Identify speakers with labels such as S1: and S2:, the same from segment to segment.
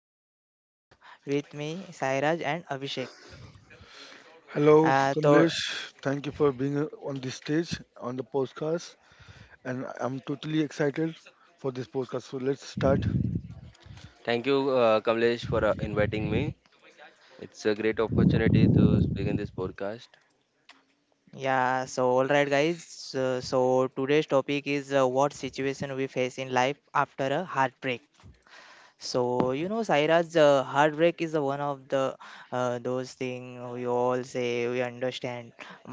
S1: and with me Sairaj and Abhishek.
S2: Hello,
S1: So,
S2: Kamlesh. Thank you for being on this stage on the podcast, and I'm totally excited for this podcast. So let's start.
S3: Thank you, Kamlesh, for inviting me. It's a great opportunity to speak in this podcast.
S1: yeah, so all right, guys. So, today's topic is what situation we face in life after a heartbreak. So Saira's heartbreak is the one of the those thing we all say we understand,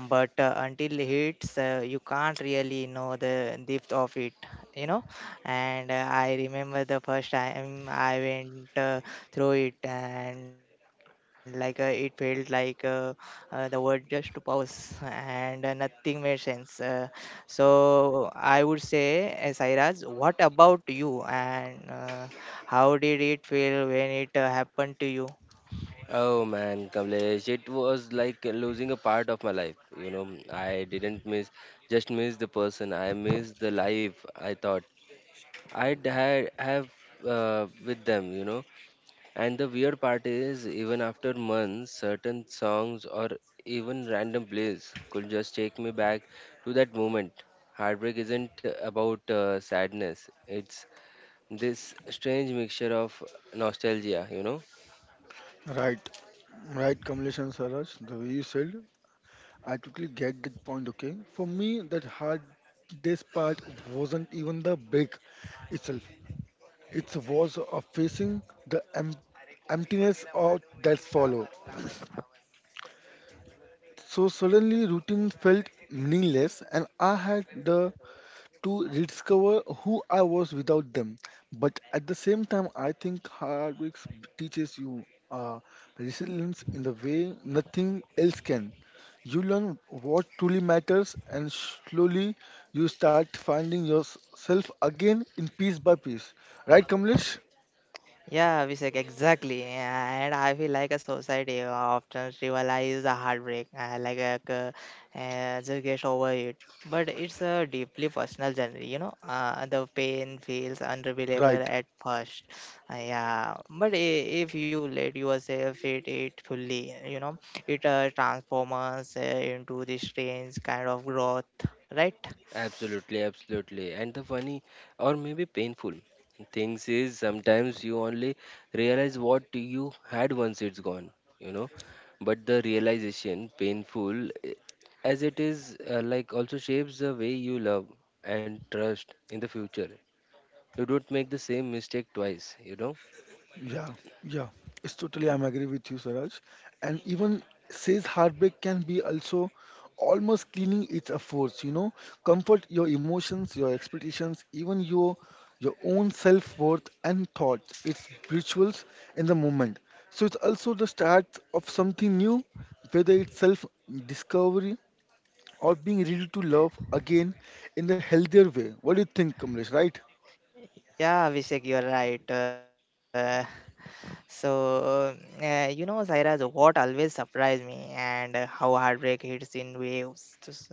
S1: but until it hits, you can't really know the depth of it. You know, and I remember the first time I went through it, and like it felt like the world just pause, and nothing made sense. So, I would say, Sairaj, what about you? And how did it feel when it happened to you?
S3: Oh man, Kamlesh, it was like losing a part of my life. You know, I didn't miss, just miss the person. I missed the life I thought have with them, you know. And the weird part is, even after months, certain songs or even random plays could just take me back to that moment. Heartbreak isn't about sadness, it's this strange mixture of nostalgia, you know?
S2: Right, right, Kamlesh and Saraj. The way you said, I totally get that point. Okay, for me, that hard days part wasn't even the break itself. It was of facing the emptiness of that follow. So suddenly, routine felt meaningless, and I had the to rediscover who I was without them. But at the same time, I think heartbreak teaches you uh, resilience in the way nothing else can. You learn what truly matters, and slowly you start finding yourself again in piece by piece. Right, Kamlesh?
S1: Yeah, Abhishek, exactly. And I feel like a society often trivializes the heartbreak, like just get over it. But it's a deeply personal journey. The pain feels unbearable
S2: Right.
S1: at first. Yeah. But if you let yourself hit it fully, it transforms into this strange kind of growth, right?
S3: Absolutely, absolutely. And the funny or maybe painful things is sometimes you only realize what you had once it's gone, you know? But the realization, painful as it is, also shapes the way you love and trust in the future. You don't make the same mistake twice, you know?
S2: Yeah, yeah, it's totally. I'm agree with you, Suraj. And even says heartbreak can be also almost cleaning its efforts. You know, comfort your emotions, your expectations, even your own self worth and thoughts. It's rituals in the moment. So it's also the start of something new, whether it's self discovery or being ready to love again in the healthier way. What do you think, Kamlesh? Right?
S1: Yeah, Abhishek, you're right. So, Sairaj, what always surprised me and how heartbreak hits in waves. Just,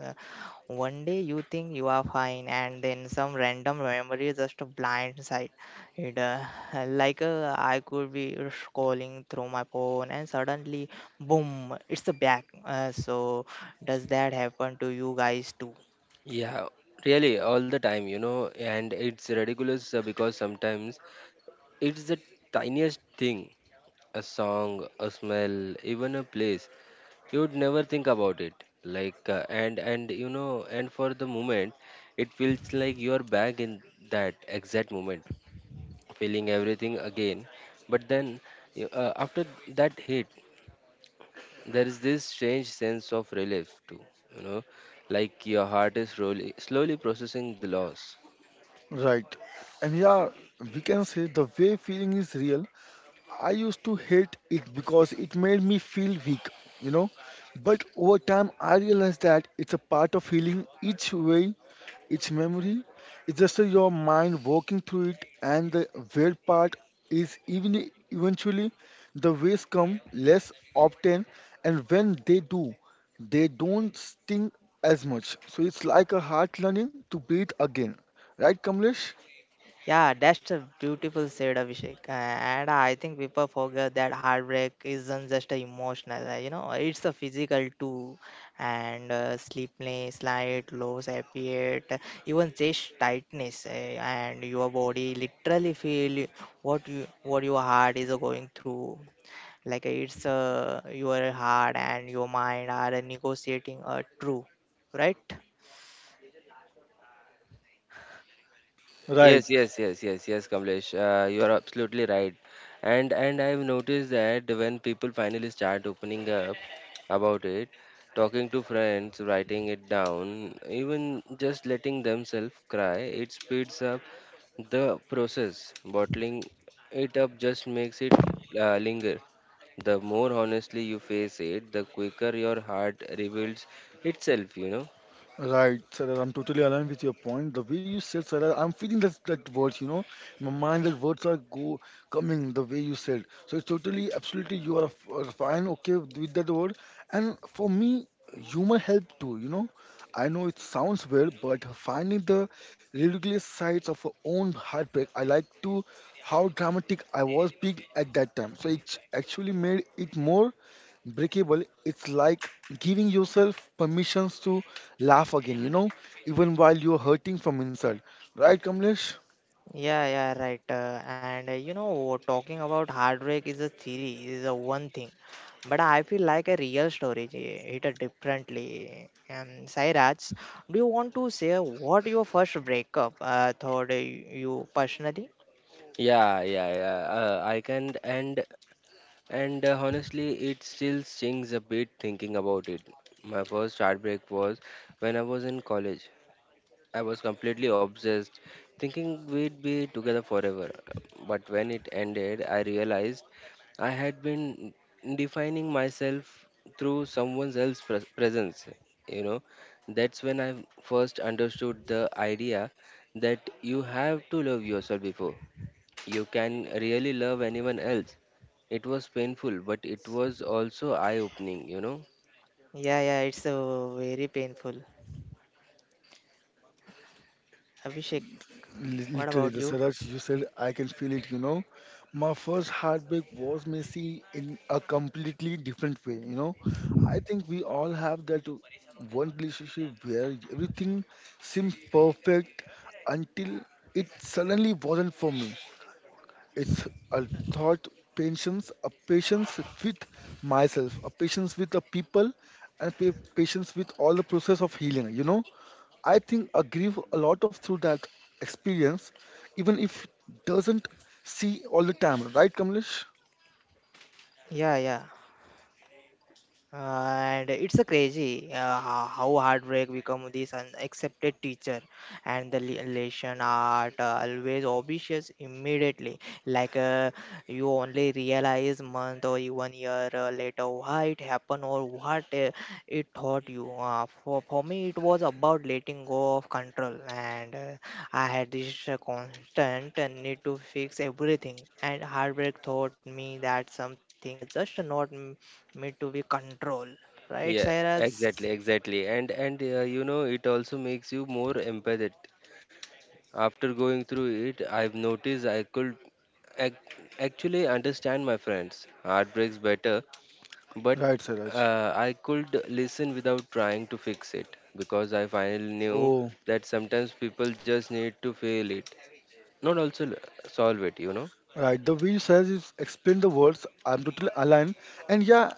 S1: one day you think you are fine, and then some random memory just blindsides it. Like I could be scrolling through my phone, and suddenly, boom, it's back. So, does that happen to you guys too?
S3: Yeah, really, all the time, you know? And it's ridiculous because sometimes it's the tiniest thing, a song, a smell, even a place. You would never think about it. And for the moment, it feels like you're back in that exact moment, feeling everything again. But then, after that hit, there is this strange sense of relief, too. You know, like your heart is slowly, slowly processing the loss.
S2: Right. And yeah, we can say the way feeling is real. I used to hate it because it made me feel weak, you know. But over time, I realized that it's a part of healing each way, each memory. It's just a your mind working through it, and the weird part is even eventually the ways come less often, and when they do, they don't sting as much. So it's like a heart learning to breathe again. Right, Kamlesh?
S1: Yeah, that's a beautiful said, Abhishek. And I think people forget that heartbreak isn't just a emotional, it's a physical too. And sleepless, light, low appetite, even chest tightness, and your body literally feel what your heart is going through. Like it's your heart and your mind are negotiating a true, right?
S2: Right,
S3: Yes, yes, yes, yes, yes, Kamlesh. You are absolutely right. And I've noticed that when people finally start opening up about it, talking to friends, writing it down, even just letting themselves cry, it speeds up the process. Bottling it up just makes it linger. The more honestly you face it, the quicker your heart reveals itself, you know.
S2: right, Sarah. I'm totally aligned with your point. The way you said, Sarah, I'm feeling that words, you know, in my mind that words are go coming the way you said. So it's totally, absolutely, you are fine, okay with that word. And for me, humor help too. You know, I know it sounds weird, but finding the ridiculous sides of our own heartbreak, I like to how dramatic I was being at that time. So it actually made it more breakable. It's like giving yourself permissions to laugh again, you know, even while you're hurting from inside, right, Kamlesh?
S1: Yeah, yeah, right. And talking about heartbreak is a theory, is a one thing. But I feel like a real story hit it differently. Sairaj, do you want to say what your first breakup thought you personally?
S3: Yeah, yeah, yeah. I can, and Honestly, it still stings a bit thinking about it. My first heartbreak was when I was in college. I was completely obsessed, thinking we'd be together forever. But when it ended, I realized I had been defining myself through someone else's presence. You know, that's when I first understood the idea that you have to love yourself before you can really love anyone else. It was painful, but it was also eye-opening, you know.
S1: Yeah, yeah, it's very painful. Abhishek, what
S2: Literally
S1: about
S2: the
S1: you?
S2: Suraj you said, I can feel it, you know. My first heartbreak was messy in a completely different way, you know. I think we all have that one relationship where everything seemed perfect until it suddenly wasn't for me. It's a thought patience, a patience with myself, a patience with the people, and patience with all the process of healing. You know, I think I grieve a lot of through that experience, even if doesn't see all the time. Right, Kamlesh?
S1: Yeah, yeah. And it's a crazy how heartbreak become this unaccepted teacher, and the lesson art always obvious immediately, like you only realize month or even year later why it happened or what it taught you. For me it was about letting go of control, and I had this constant need to fix everything, and heartbreak taught me that something are just not me to be control, right,
S3: Yeah,
S1: Cyrus?
S3: exactly, exactly. And you know, it also makes you more empathetic. After going through it, I've noticed I could ac actually understand my friends' heartbreaks better, but
S2: Right, Siraj.
S3: I could listen without trying to fix it because I finally knew that sometimes people just need to feel it, not also l- solve it, you know.
S2: Right, the way you says is explain the words. I'm totally aligned. And yeah,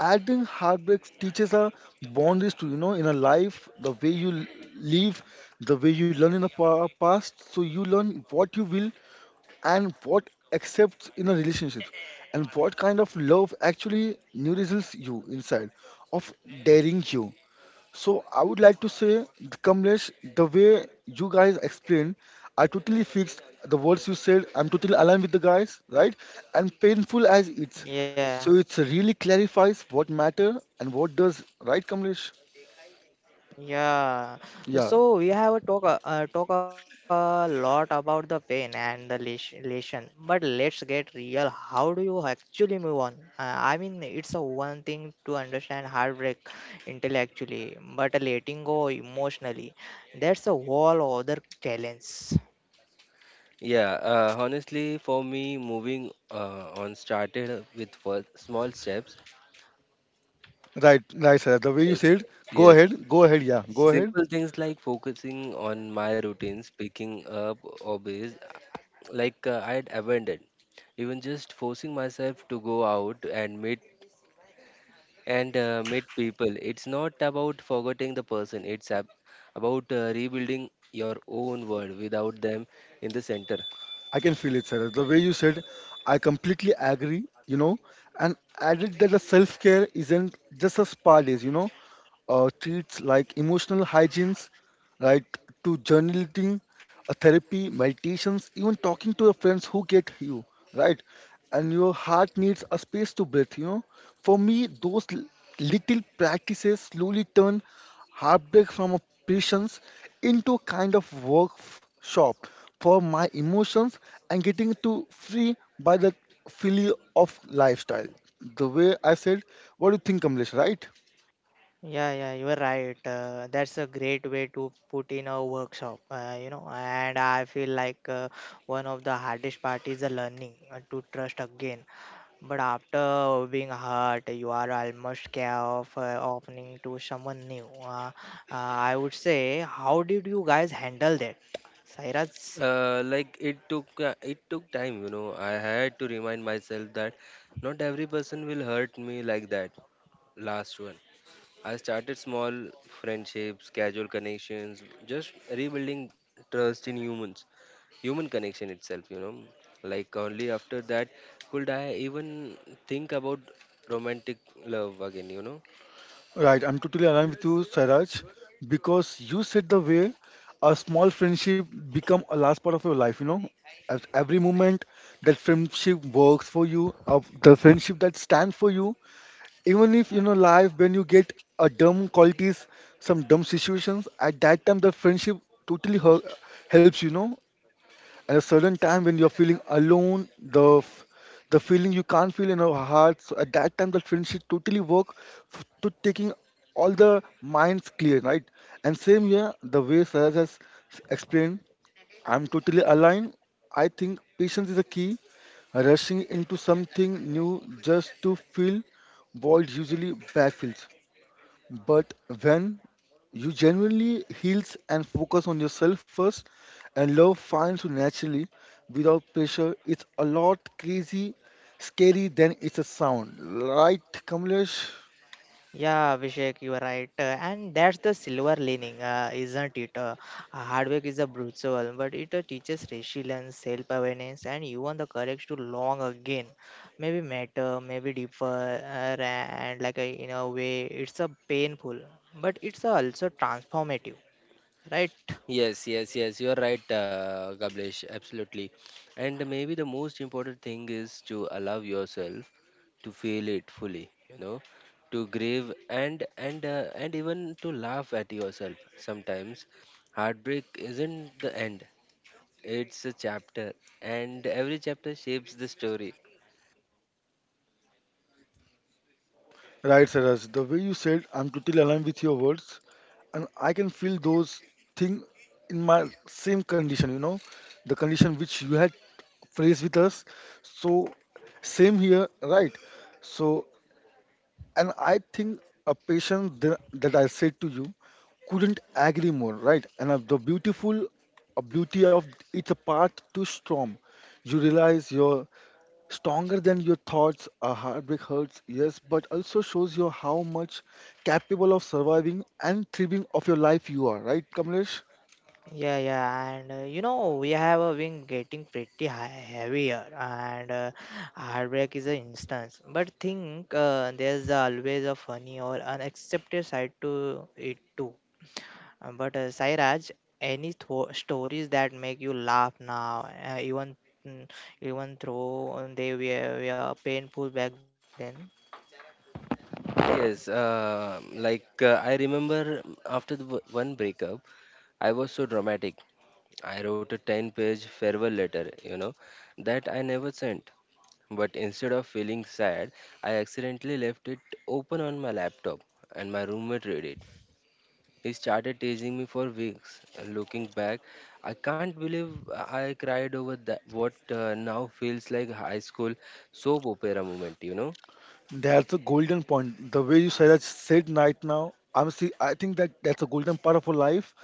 S2: adding heartbreaks teaches our boundaries to, you know, in a life, the way you live, the way you learn in the past. So you learn what you will and what accepts in a relationship, and what kind of love actually nourishes you inside, of daring you. So I would like to say, Kamlesh, the way you guys explained, I totally fixed the words you said. I'm totally aligned with the guys, right? And painful as it's, so
S1: Yeah,
S2: it's really clarifies what matter and what does, right, Kamlesh?
S1: yeah.
S2: Yeah,
S1: So we have a talk a lot about the pain and the lesion, but let's get real. How do you actually move on? I mean, it's a one thing to understand heartbreak intellectually, but letting go emotionally, that's a whole other challenge.
S3: Yeah, honestly, for me, moving on started with first small steps.
S2: right, right, sir. The way you
S3: Yes,
S2: said,
S3: yes.
S2: go ahead, yeah, go ahead.
S3: Simple things like focusing on my routines, picking up hobbies I had abandoned. Even just forcing myself to go out and meet people. It's not about forgetting the person. It's about rebuilding your own world without them in the center.
S2: I can feel it, sir. The way you said, I completely agree, you know, and added that the self care isn't just a spa days, you know, treats like emotional hygiene, right? To journaling, a therapy, meditations, even talking to your friends who get you, right? And your heart needs a space to breathe, you know. For me, those little practices slowly turn heartbreak from a patience into a kind of workshop for my emotions and getting to free by the feeling of lifestyle. The way I said, what do you think, Kamlesh, right?
S1: Yeah, yeah, you are right. That's a great way to put in a workshop. And I feel like one of the hardest part is the learning to trust again. But after being hurt, you are almost scared of opening to someone new. I would say, how did you guys handle that, Sairaj?
S3: It took it took time, you know. I had to remind myself that not every person will hurt me like that last one. I started small, friendships, casual connections, just rebuilding trust in human connection itself, you know. Like only after that could I even think about romantic love again, you know.
S2: Right, I'm totally aligned with you, Sairaj, because you said the way a small friendship become a large part of your life. You know, at every moment that friendship works for you, of the friendship that stands for you, even if you know life when you get a dumb qualities, some dumb situations, at that time the friendship totally helps. You know, at a certain time when you're feeling alone, the feeling you can't feel in your heart. So at that time, the friendship totally work to taking all the minds clear, right? And same here, the way Saraj has explained, I'm totally aligned. I think patience is a key. Rushing into something new just to fill void usually backfills. But when you genuinely heals and focus on yourself first, and love finds you naturally without pressure, it's a lot crazy, scary than it's a sound. Right, Kamlesh?
S1: Yeah, Abhishek, you are right. And that's the silver lining, isn't it? Hard work is a brutal, but it teaches resilience, self awareness, and even the courage to long again. Maybe matter, maybe deeper, and like in a way, it's a painful, but it's also transformative, right?
S3: Yes, yes, yes, you're right, Kamlesh, absolutely. And maybe the most important thing is to allow yourself to feel it fully, you know, to grieve and even to laugh at yourself. Sometimes heartbreak isn't the end; it's a chapter, and every chapter shapes the story.
S2: Right, Saraj. The way you said, I'm totally aligned with your words, and I can feel those things in my same condition. You know, the condition which you had phrased with us. So same here, right? So and I think a patient that I said to you couldn't agree more, right? And the beautiful beauty of it's a path to storm. You realize you're stronger than your thoughts. A heartbreak hurts, yes, but also shows you how much capable of surviving and thriving of your life you are, right, Kamlesh?
S1: Yeah, yeah, and we have been getting pretty high, heavier, and heartbreak is an instance. But think there's always a funny or unaccepted side to it too. But Sairaj, any stories that make you laugh now, even mm, even though they were painful back then?
S3: Yes, I remember after the one breakup, I was so dramatic. I wrote a 10-page farewell letter, you know, that I never sent. But instead of feeling sad, I accidentally left it open on my laptop and my roommate read it. He started teasing me for weeks. And looking back, I can't believe I cried over that, what now feels like high school soap opera moment, you know.
S2: That's a golden point. The way you said that said right now, I'm see. I think that that's a golden part of our life,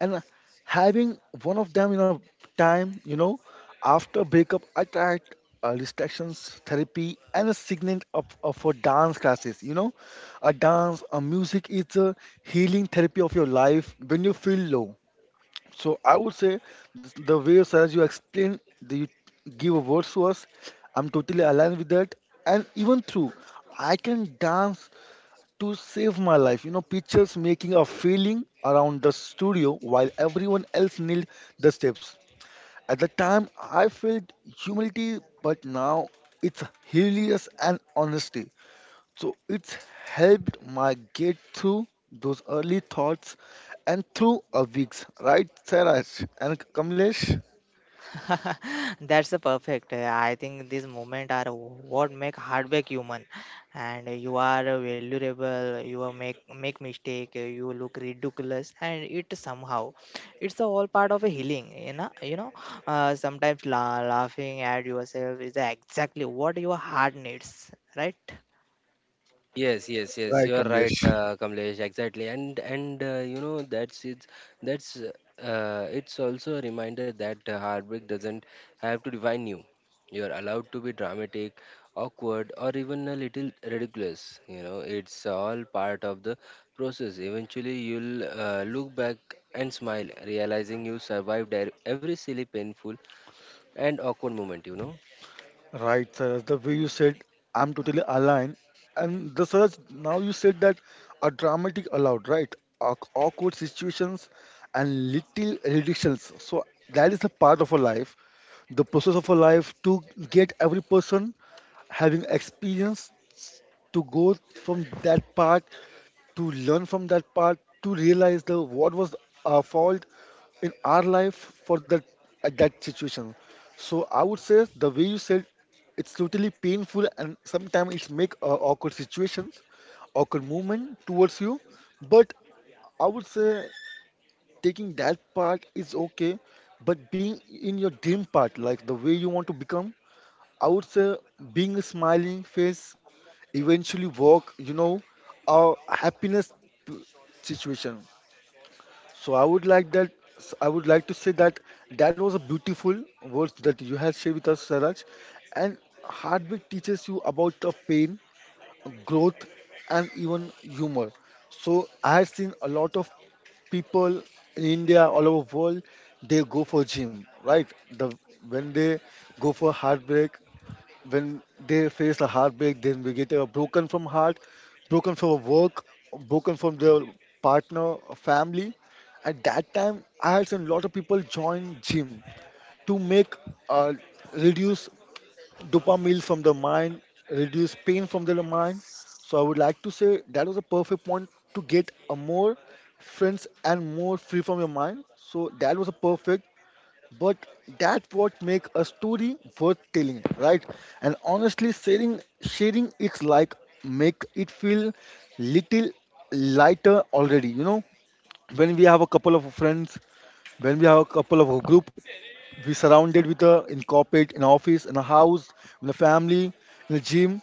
S2: and having one of them in a time, you know, after breakup, I tried distractions therapy and a signet up, for dance classes. You know, a dance, a music is a healing therapy of your life when you feel low. So I would say the way Saraj you explain the you give words to us, I'm totally aligned with that. And even through, I can dance to save my life. You know, pictures making a feeling around the studio while everyone else nailed the steps. At the time, I felt humility, but now it's hilarious and honesty. So it's helped my get through those early thoughts and through a weeks, right, Sairaj and Kamlesh?
S1: That's the perfect. I think these moments are what make heartbreak human, and you are valuable. You are make mistake. You look ridiculous, and it somehow, it's a all part of a healing. Sometimes laughing at yourself is exactly what your heart needs, right?
S3: Yes, yes, yes.
S2: Right,
S3: You are right,
S2: Kamlesh.
S3: Kamlesh. Exactly, and you know that's it's also a reminder that heartbreak doesn't have to define you. You're allowed to be dramatic, awkward, or even a little ridiculous. You know, it's all part of the process. Eventually, you'll look back and smile, realizing you survived every silly, painful, and awkward moment. You know.
S2: Right, Sairaj, the way you said, I'm totally aligned. And the Sairaj, now you said that a dramatic allowed, right? Awkward situations and little reductions. So that is a part of a life, the process of a life to get every person having experience to go from that part, to learn from that part, to realize the what was our fault in our life for that at that situation. So I would say the way you said it's totally painful and sometimes it's make awkward situations, awkward movement towards you. But I would say taking that part is okay, but being in your dream part, like the way you want to become, I would say being a smiling face eventually work, you know, our happiness p- situation. So I would like that. I would like to say that that was a beautiful words that you have shared with us, Saraj. And heartbreak teaches you about the pain, growth, and even humor. So I have seen a lot of people in India, all over world, they go for gym, right? The when they go for heartbreak, when they face a heartbreak, then we get broken from heart, broken from work, broken from their partner, family. At that time, I had seen a lot of people join gym to make uh, reduce dopamine from the mind, reduce pain from the mind. So I would like to say that was a perfect point to get a more friends and more free from your mind. So that was a perfect, but that what make a story worth telling, right? And honestly sharing, sharing it's like make it feel little lighter already, you know. When we have a couple of friends, when we have a couple of a group, we surrounded with a in corporate, in office, in a house, in a family, in a gym,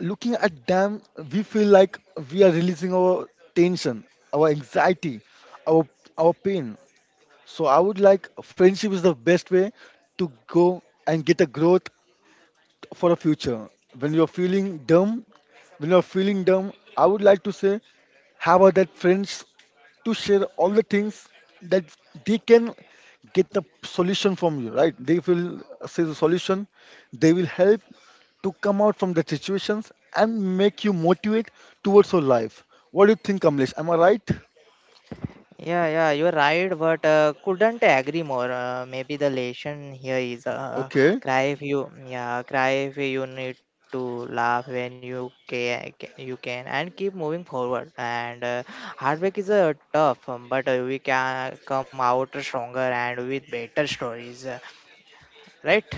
S2: looking at them, we feel like we are releasing our tension, our anxiety, our our pain. So I would like friendship is the best way to go and get a growth for a future. When you're feeling dumb, when you're feeling dumb, I would like to say have a that friends to share all the things that they can get a solution from you, right? They will say the solution, they will help to come out from the situations and make you motivate towards your life. What do you think, Kamlesh? Am I right?
S1: Yeah, yeah, you're right, but couldn't agree more. Maybe the lesson here is
S2: Okay,
S1: cry if you, yeah, cry if you need to laugh when you can, and keep moving forward. And heartbreak is tough, but we can come out stronger and with better stories, right?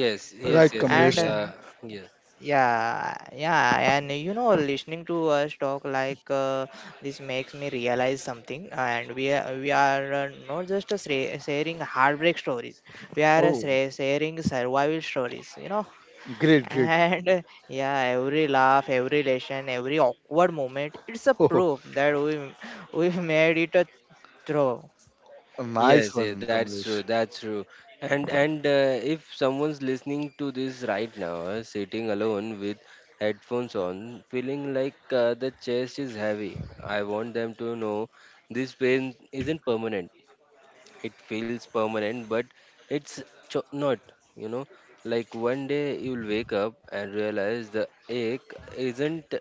S3: Yes,
S2: right,
S3: yes, yes, yes.
S1: And
S2: Kamlesh.
S3: Yes.
S1: Yeah, yeah, and listening to us talk like this makes me realize something. And we are not just sharing heartbreak stories; we are
S2: Oh,
S1: sharing survival stories.
S2: great, great.
S1: and yeah, every laugh, every lesson, every awkward moment—it's a
S2: Oh,
S1: proof that we made it through.
S2: nice
S3: Yes, yes,
S2: one,
S3: that's
S2: Kamlesh.
S3: true. That's true. And if someone's listening to this right now, sitting alone with headphones on, feeling like the chest is heavy, I want them to know this pain isn't permanent. It feels permanent, but it's not. You know, like one day you'll wake up and realize the ache isn't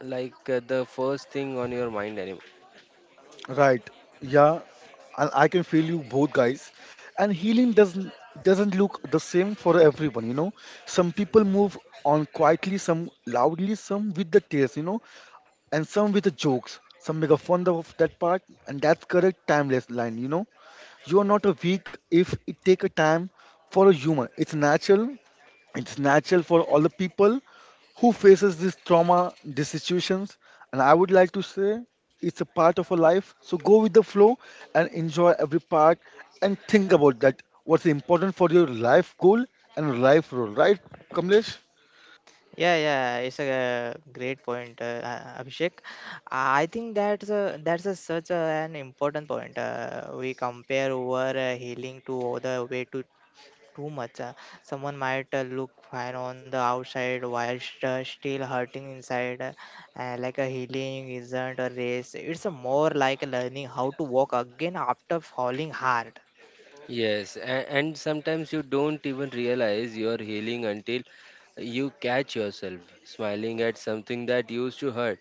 S3: the first thing on your mind anymore.
S2: Right. Yeah, and I can feel you both guys. And healing doesn't look the same for everyone, you know. Some people move on quietly, some loudly, some with the tears, you know, and some with the jokes. Some make a fun of that part, and that's correct timeless line, you know. You are not a weak if it take a time for a human. It's natural for all the people who faces this trauma these situations, and I would like to say it's a part of a life, so go with the flow and enjoy every part, and think about that what's important for your life goal and life role, right, Kamlesh?
S1: Yeah, yeah, it's a great point, Abhishek. I think that's a, such a, an important point. We compare over healing to other way too much. Someone might look fine on the outside while still hurting inside. Like a healing isn't a race. It's a more like learning how to walk again after falling hard.
S3: Yes, and sometimes you don't even realize you're healing until you catch yourself smiling at something that used to hurt,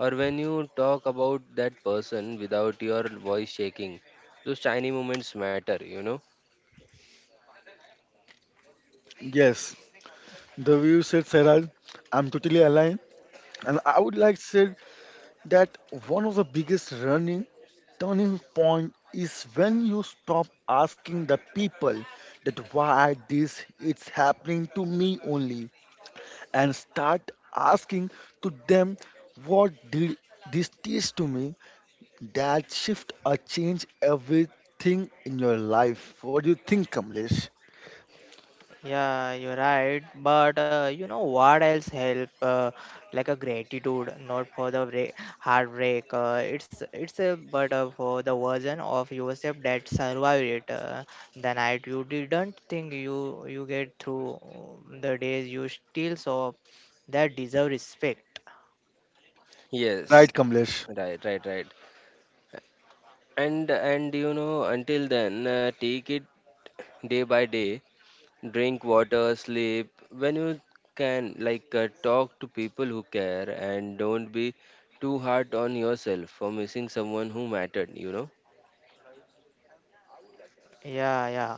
S3: or when you talk about that person without your voice shaking. Those tiny moments matter, you know.
S2: Yes, the way you said, Sarah, I'm totally aligned. And I would like to say that one of the biggest running turning point is when you stop asking the people that why this it's happening to me only, and start asking to them what did this teach to me. That shift or change everything in your life. What do you think, Kamlesh?
S1: Yeah, you're right. But you know what else help? Like a gratitude, not for the break, heartbreak. It's a but for the version of yourself that survived it. The night you didn't think you get through, the days you still saw that deserve respect.
S3: Yes,
S2: Right, Kamlesh.
S3: right, right, right. And you know, until then, take it day by day. Drink water, sleep when you can, talk to people who care, and don't be too hard on yourself for missing someone who mattered, you know.
S1: Yeah, yeah,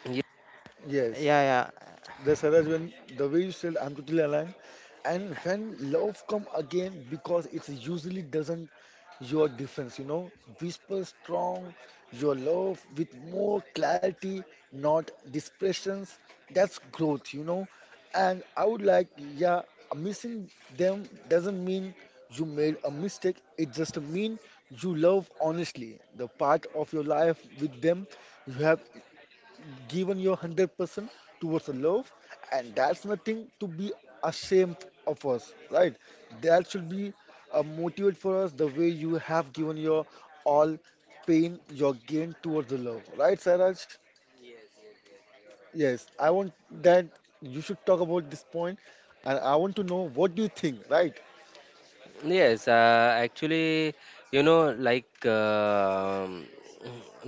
S3: Ye-
S2: Yes.
S1: yeah, yeah.
S2: The Saraj, when the way you said, I'm totally aligned. And when love come again, because it usually doesn't, your difference, you know, whisper strong your love with more clarity, not depressions. That's growth, you know. And I would like, yeah, missing them doesn't mean you made a mistake. It just mean you love honestly the part of your life with them. You have given your 100% towards the love, and that's nothing to be ashamed of us, right? That should be a motivate for us, the way you have given your all pain, your gain towards the love, right, Saraj? Yes, I want that you should talk about this point, and I want to know what do you think, right?
S3: Yes, actually, you know,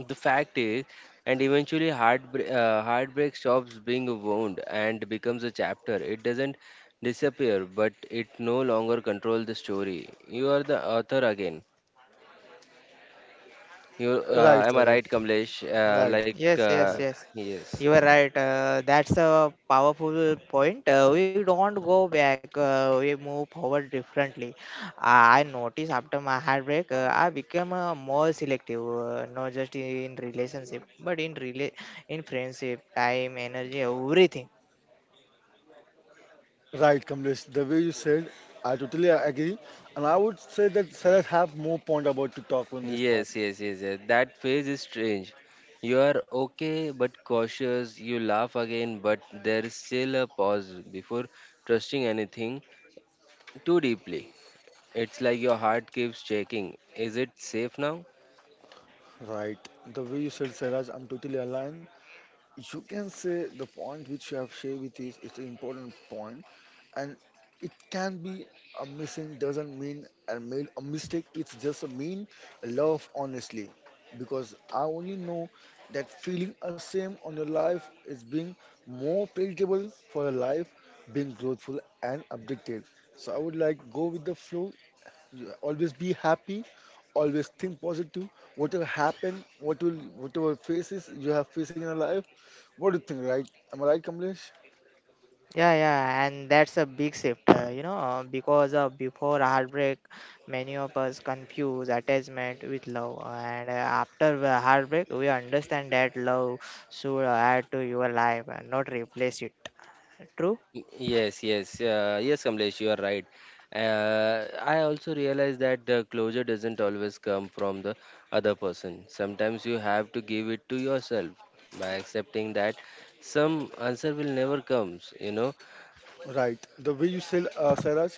S3: the fact is, and eventually heartbreak, heartbreak stops being a wound and becomes a chapter. It doesn't disappear, but it no longer controls the story. You are the author again.
S2: Right,
S3: Am I
S2: Saraj,
S3: right, Kamlesh?
S2: right,
S1: Yes, yes,
S2: right.
S1: yes.
S3: Yes,
S1: You are right. That's a powerful point. We don't go back. We move forward differently. I noticed after my heartbreak, I became more selective, not just in relationship, but in in friendship, time, energy, everything.
S2: Right, Kamlesh. The way you said, I totally agree, and I would say that Saraj have more point about to talk on this
S3: yes,
S2: part.
S3: yes, yes, yes. That phase is strange. You are okay but cautious. You laugh again, but there is still a pause before trusting anything too deeply. It's like your heart keeps checking. Is it safe now?
S2: Right. The way you said, Saraj, I'm totally aligned. You can say the point which you have shared with is it's an important point, and it can be a missing doesn't mean I made a mistake. It's just a mean love, honestly, because I only know that feeling a shame on your life is being more palatable for a life being growthful and updated. So I would like go with the flow, yeah, always be happy, always think positive, whatever happen, what will, whatever faces you have facing in your life. What do you think, right? Am I right, Kamlesh?
S1: Yeah, yeah, and that's a big shift, because before heartbreak, many of us confuse attachment with love, and after the heartbreak, we understand that love should add to your life and not replace it. True?
S3: Yes, yes, yes, Kamlesh, you are right. I also realize that the closure doesn't always come from the other person. Sometimes you have to give it to yourself by accepting that some answer will never comes, you know.
S2: Right, the way you said, Saraj,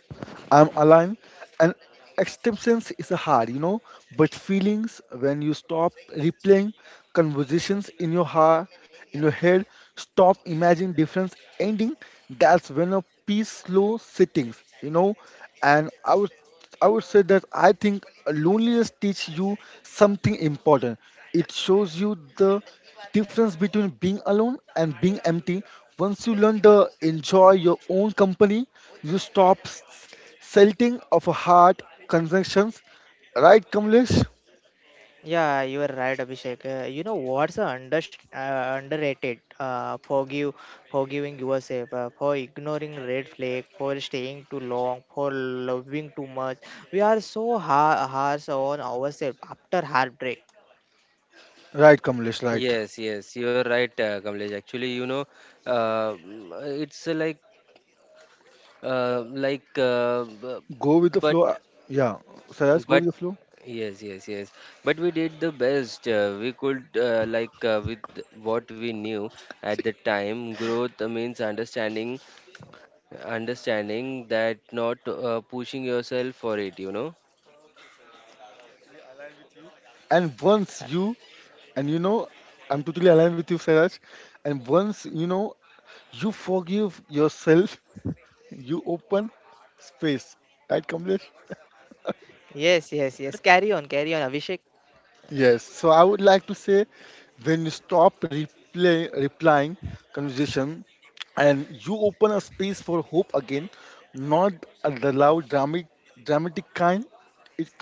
S2: I'm aligned. And acceptance is hard, you know, but feelings, when you stop replaying conversations in your heart, in your head, stop imagining different ending, that's when a peace slow sittings, you know. And I would I would say that I think loneliness teaches you something important. It shows you the difference between being alone and being empty. Once you learn to enjoy your own company, you stop selling of a heart connections. Right, Kamlesh?
S1: Yeah, you are right, Abhishek. You know what's a underrated? Forgiving yourself for ignoring red flag, for staying too long, for loving too much. We are so harsh on ourselves after heartbreak.
S2: Right, Kamlesh, right.
S3: Yes, yes, you are right, Kamlesh. Actually, you know, mm, it's like, b-
S2: Go with the
S3: but
S2: flow. Yeah, Saraj, go
S3: but
S2: with the flow.
S3: yes, yes, yes. But we did the best we could, with what we knew at the time. Growth means understanding that, not pushing yourself for it, you know.
S2: And once you, and you know, I'm totally aligned with you, Saraj. And once you know you forgive yourself, you open space, right, Kamlesh?
S1: Yes, yes, yes. Carry on, carry on, Abhishek.
S2: Yes. So I would like to say, when you stop replying conversation, and you open a space for hope again, not the loud dramatic kind. It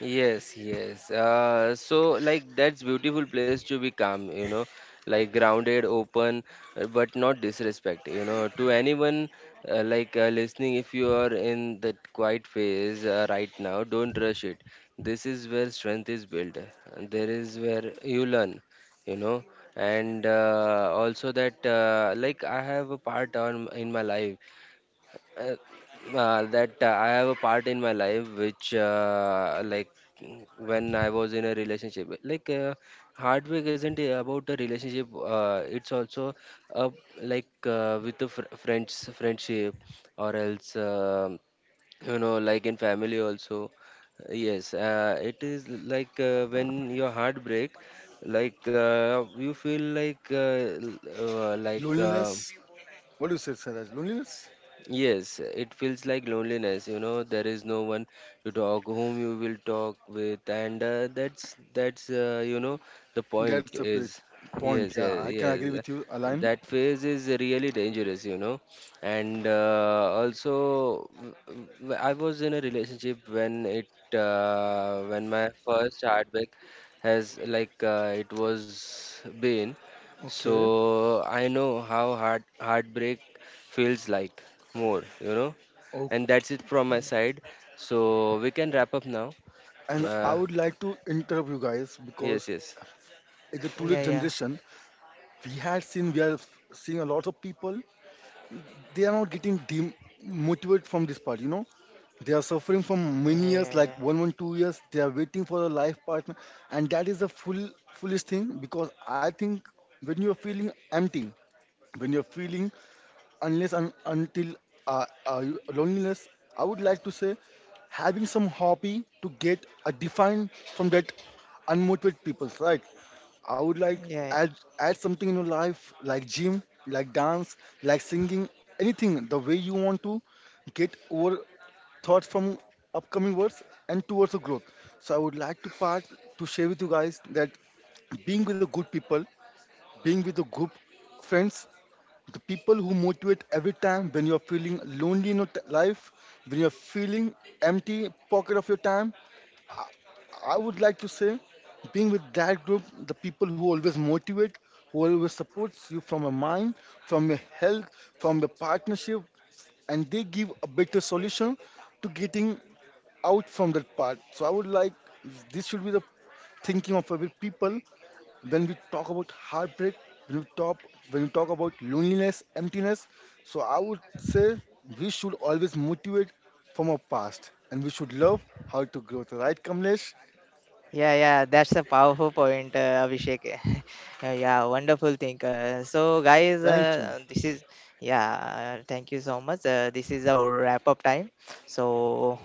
S3: Yes, yes. That's beautiful place to be calm, you know, like grounded, open, but not disrespect, you know, to anyone listening. If you are in that quiet phase right now, don't rush it. This is where strength is built. And There is where you learn, you know. And also that like I have a part on in my life, uh, that I have a part in my life which, when I was in a relationship, heartbreak isn't about a relationship, it's also, uh, with the friendship or else, um, you know, like in family also. Yes it is like, when your heart break, you feel like, l- uh, like uh,
S2: loneliness. What do you say, Saraj? Loneliness?
S3: yes, it feels like loneliness, you know, there is no one to talk, whom you will talk with, and that's you know the point
S2: That's a bit
S3: is,
S2: point.
S3: yes,
S2: Yeah,
S3: yes,
S2: I can
S3: yes.
S2: agree with you, Align.
S3: That phase is really dangerous, you know, and I was in a relationship when it, when my first heartbreak has like it was been,
S2: Okay.
S3: so I know how heartbreak feels like more, you know.
S2: Oh,
S3: And that's it from my
S1: Yeah,
S3: side. So we can wrap up now.
S2: and I
S3: Uh,
S2: would like to interrupt you guys
S3: yes,
S2: because
S3: yes.
S2: in the today's
S1: yeah, yeah,
S2: generation, we had seen we are seeing a lot of people, they are not getting demotivated from this part, you know. They are suffering from many years, like
S1: yeah,
S2: one 2 years they are waiting for a life partner, and that is a full foolish thing, because I think, when you are feeling empty, when you are feeling, unless and until, uh, uh, loneliness, I would like to say, having some hobby to get a define from that unmotivated people, right? I would like
S1: yeah, yeah.
S2: add, add something in your life, like gym, like dance, like singing, anything the way you want to get over thoughts from upcoming words and towards the growth. So I would like to part to share with you guys that being with the good people, being with a group of friends, the people who motivate every time when you're feeling lonely in your life, when you're feeling empty pocket of your time, I would like to say, being with that group, the people who always motivate, who always supports you, from your mind, from your health, from your partnership, and they give a better solution to getting out from that part. So I would like, this should be the thinking of every people when we talk about heartbreak, when we talk, when we talk about loneliness, emptiness. So I would say we should always motivate from our past, and we should love how to grow. So, right, Kamlesh?
S1: Yeah, yeah, that's a powerful point, Abhishek. Yeah, wonderful thing. So, guys,
S2: Thank you.
S1: this is yeah. Thank you so much. This is the wrap up time. So,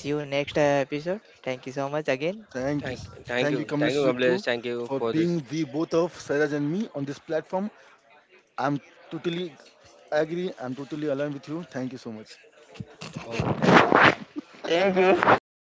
S1: see you next episode. Thank you so much again.
S2: Thank you.
S3: Thank,
S2: Thank you,
S3: thank
S2: Kamlesh,
S3: you,
S2: you too,
S3: Kamlesh. Thank you
S2: for
S3: for
S2: being
S3: this.
S2: the both of Saraj and me on this platform. I'm totally agree. I'm totally aligned with you. Thank you so much.
S3: Okay, thank you.
S1: Thank you.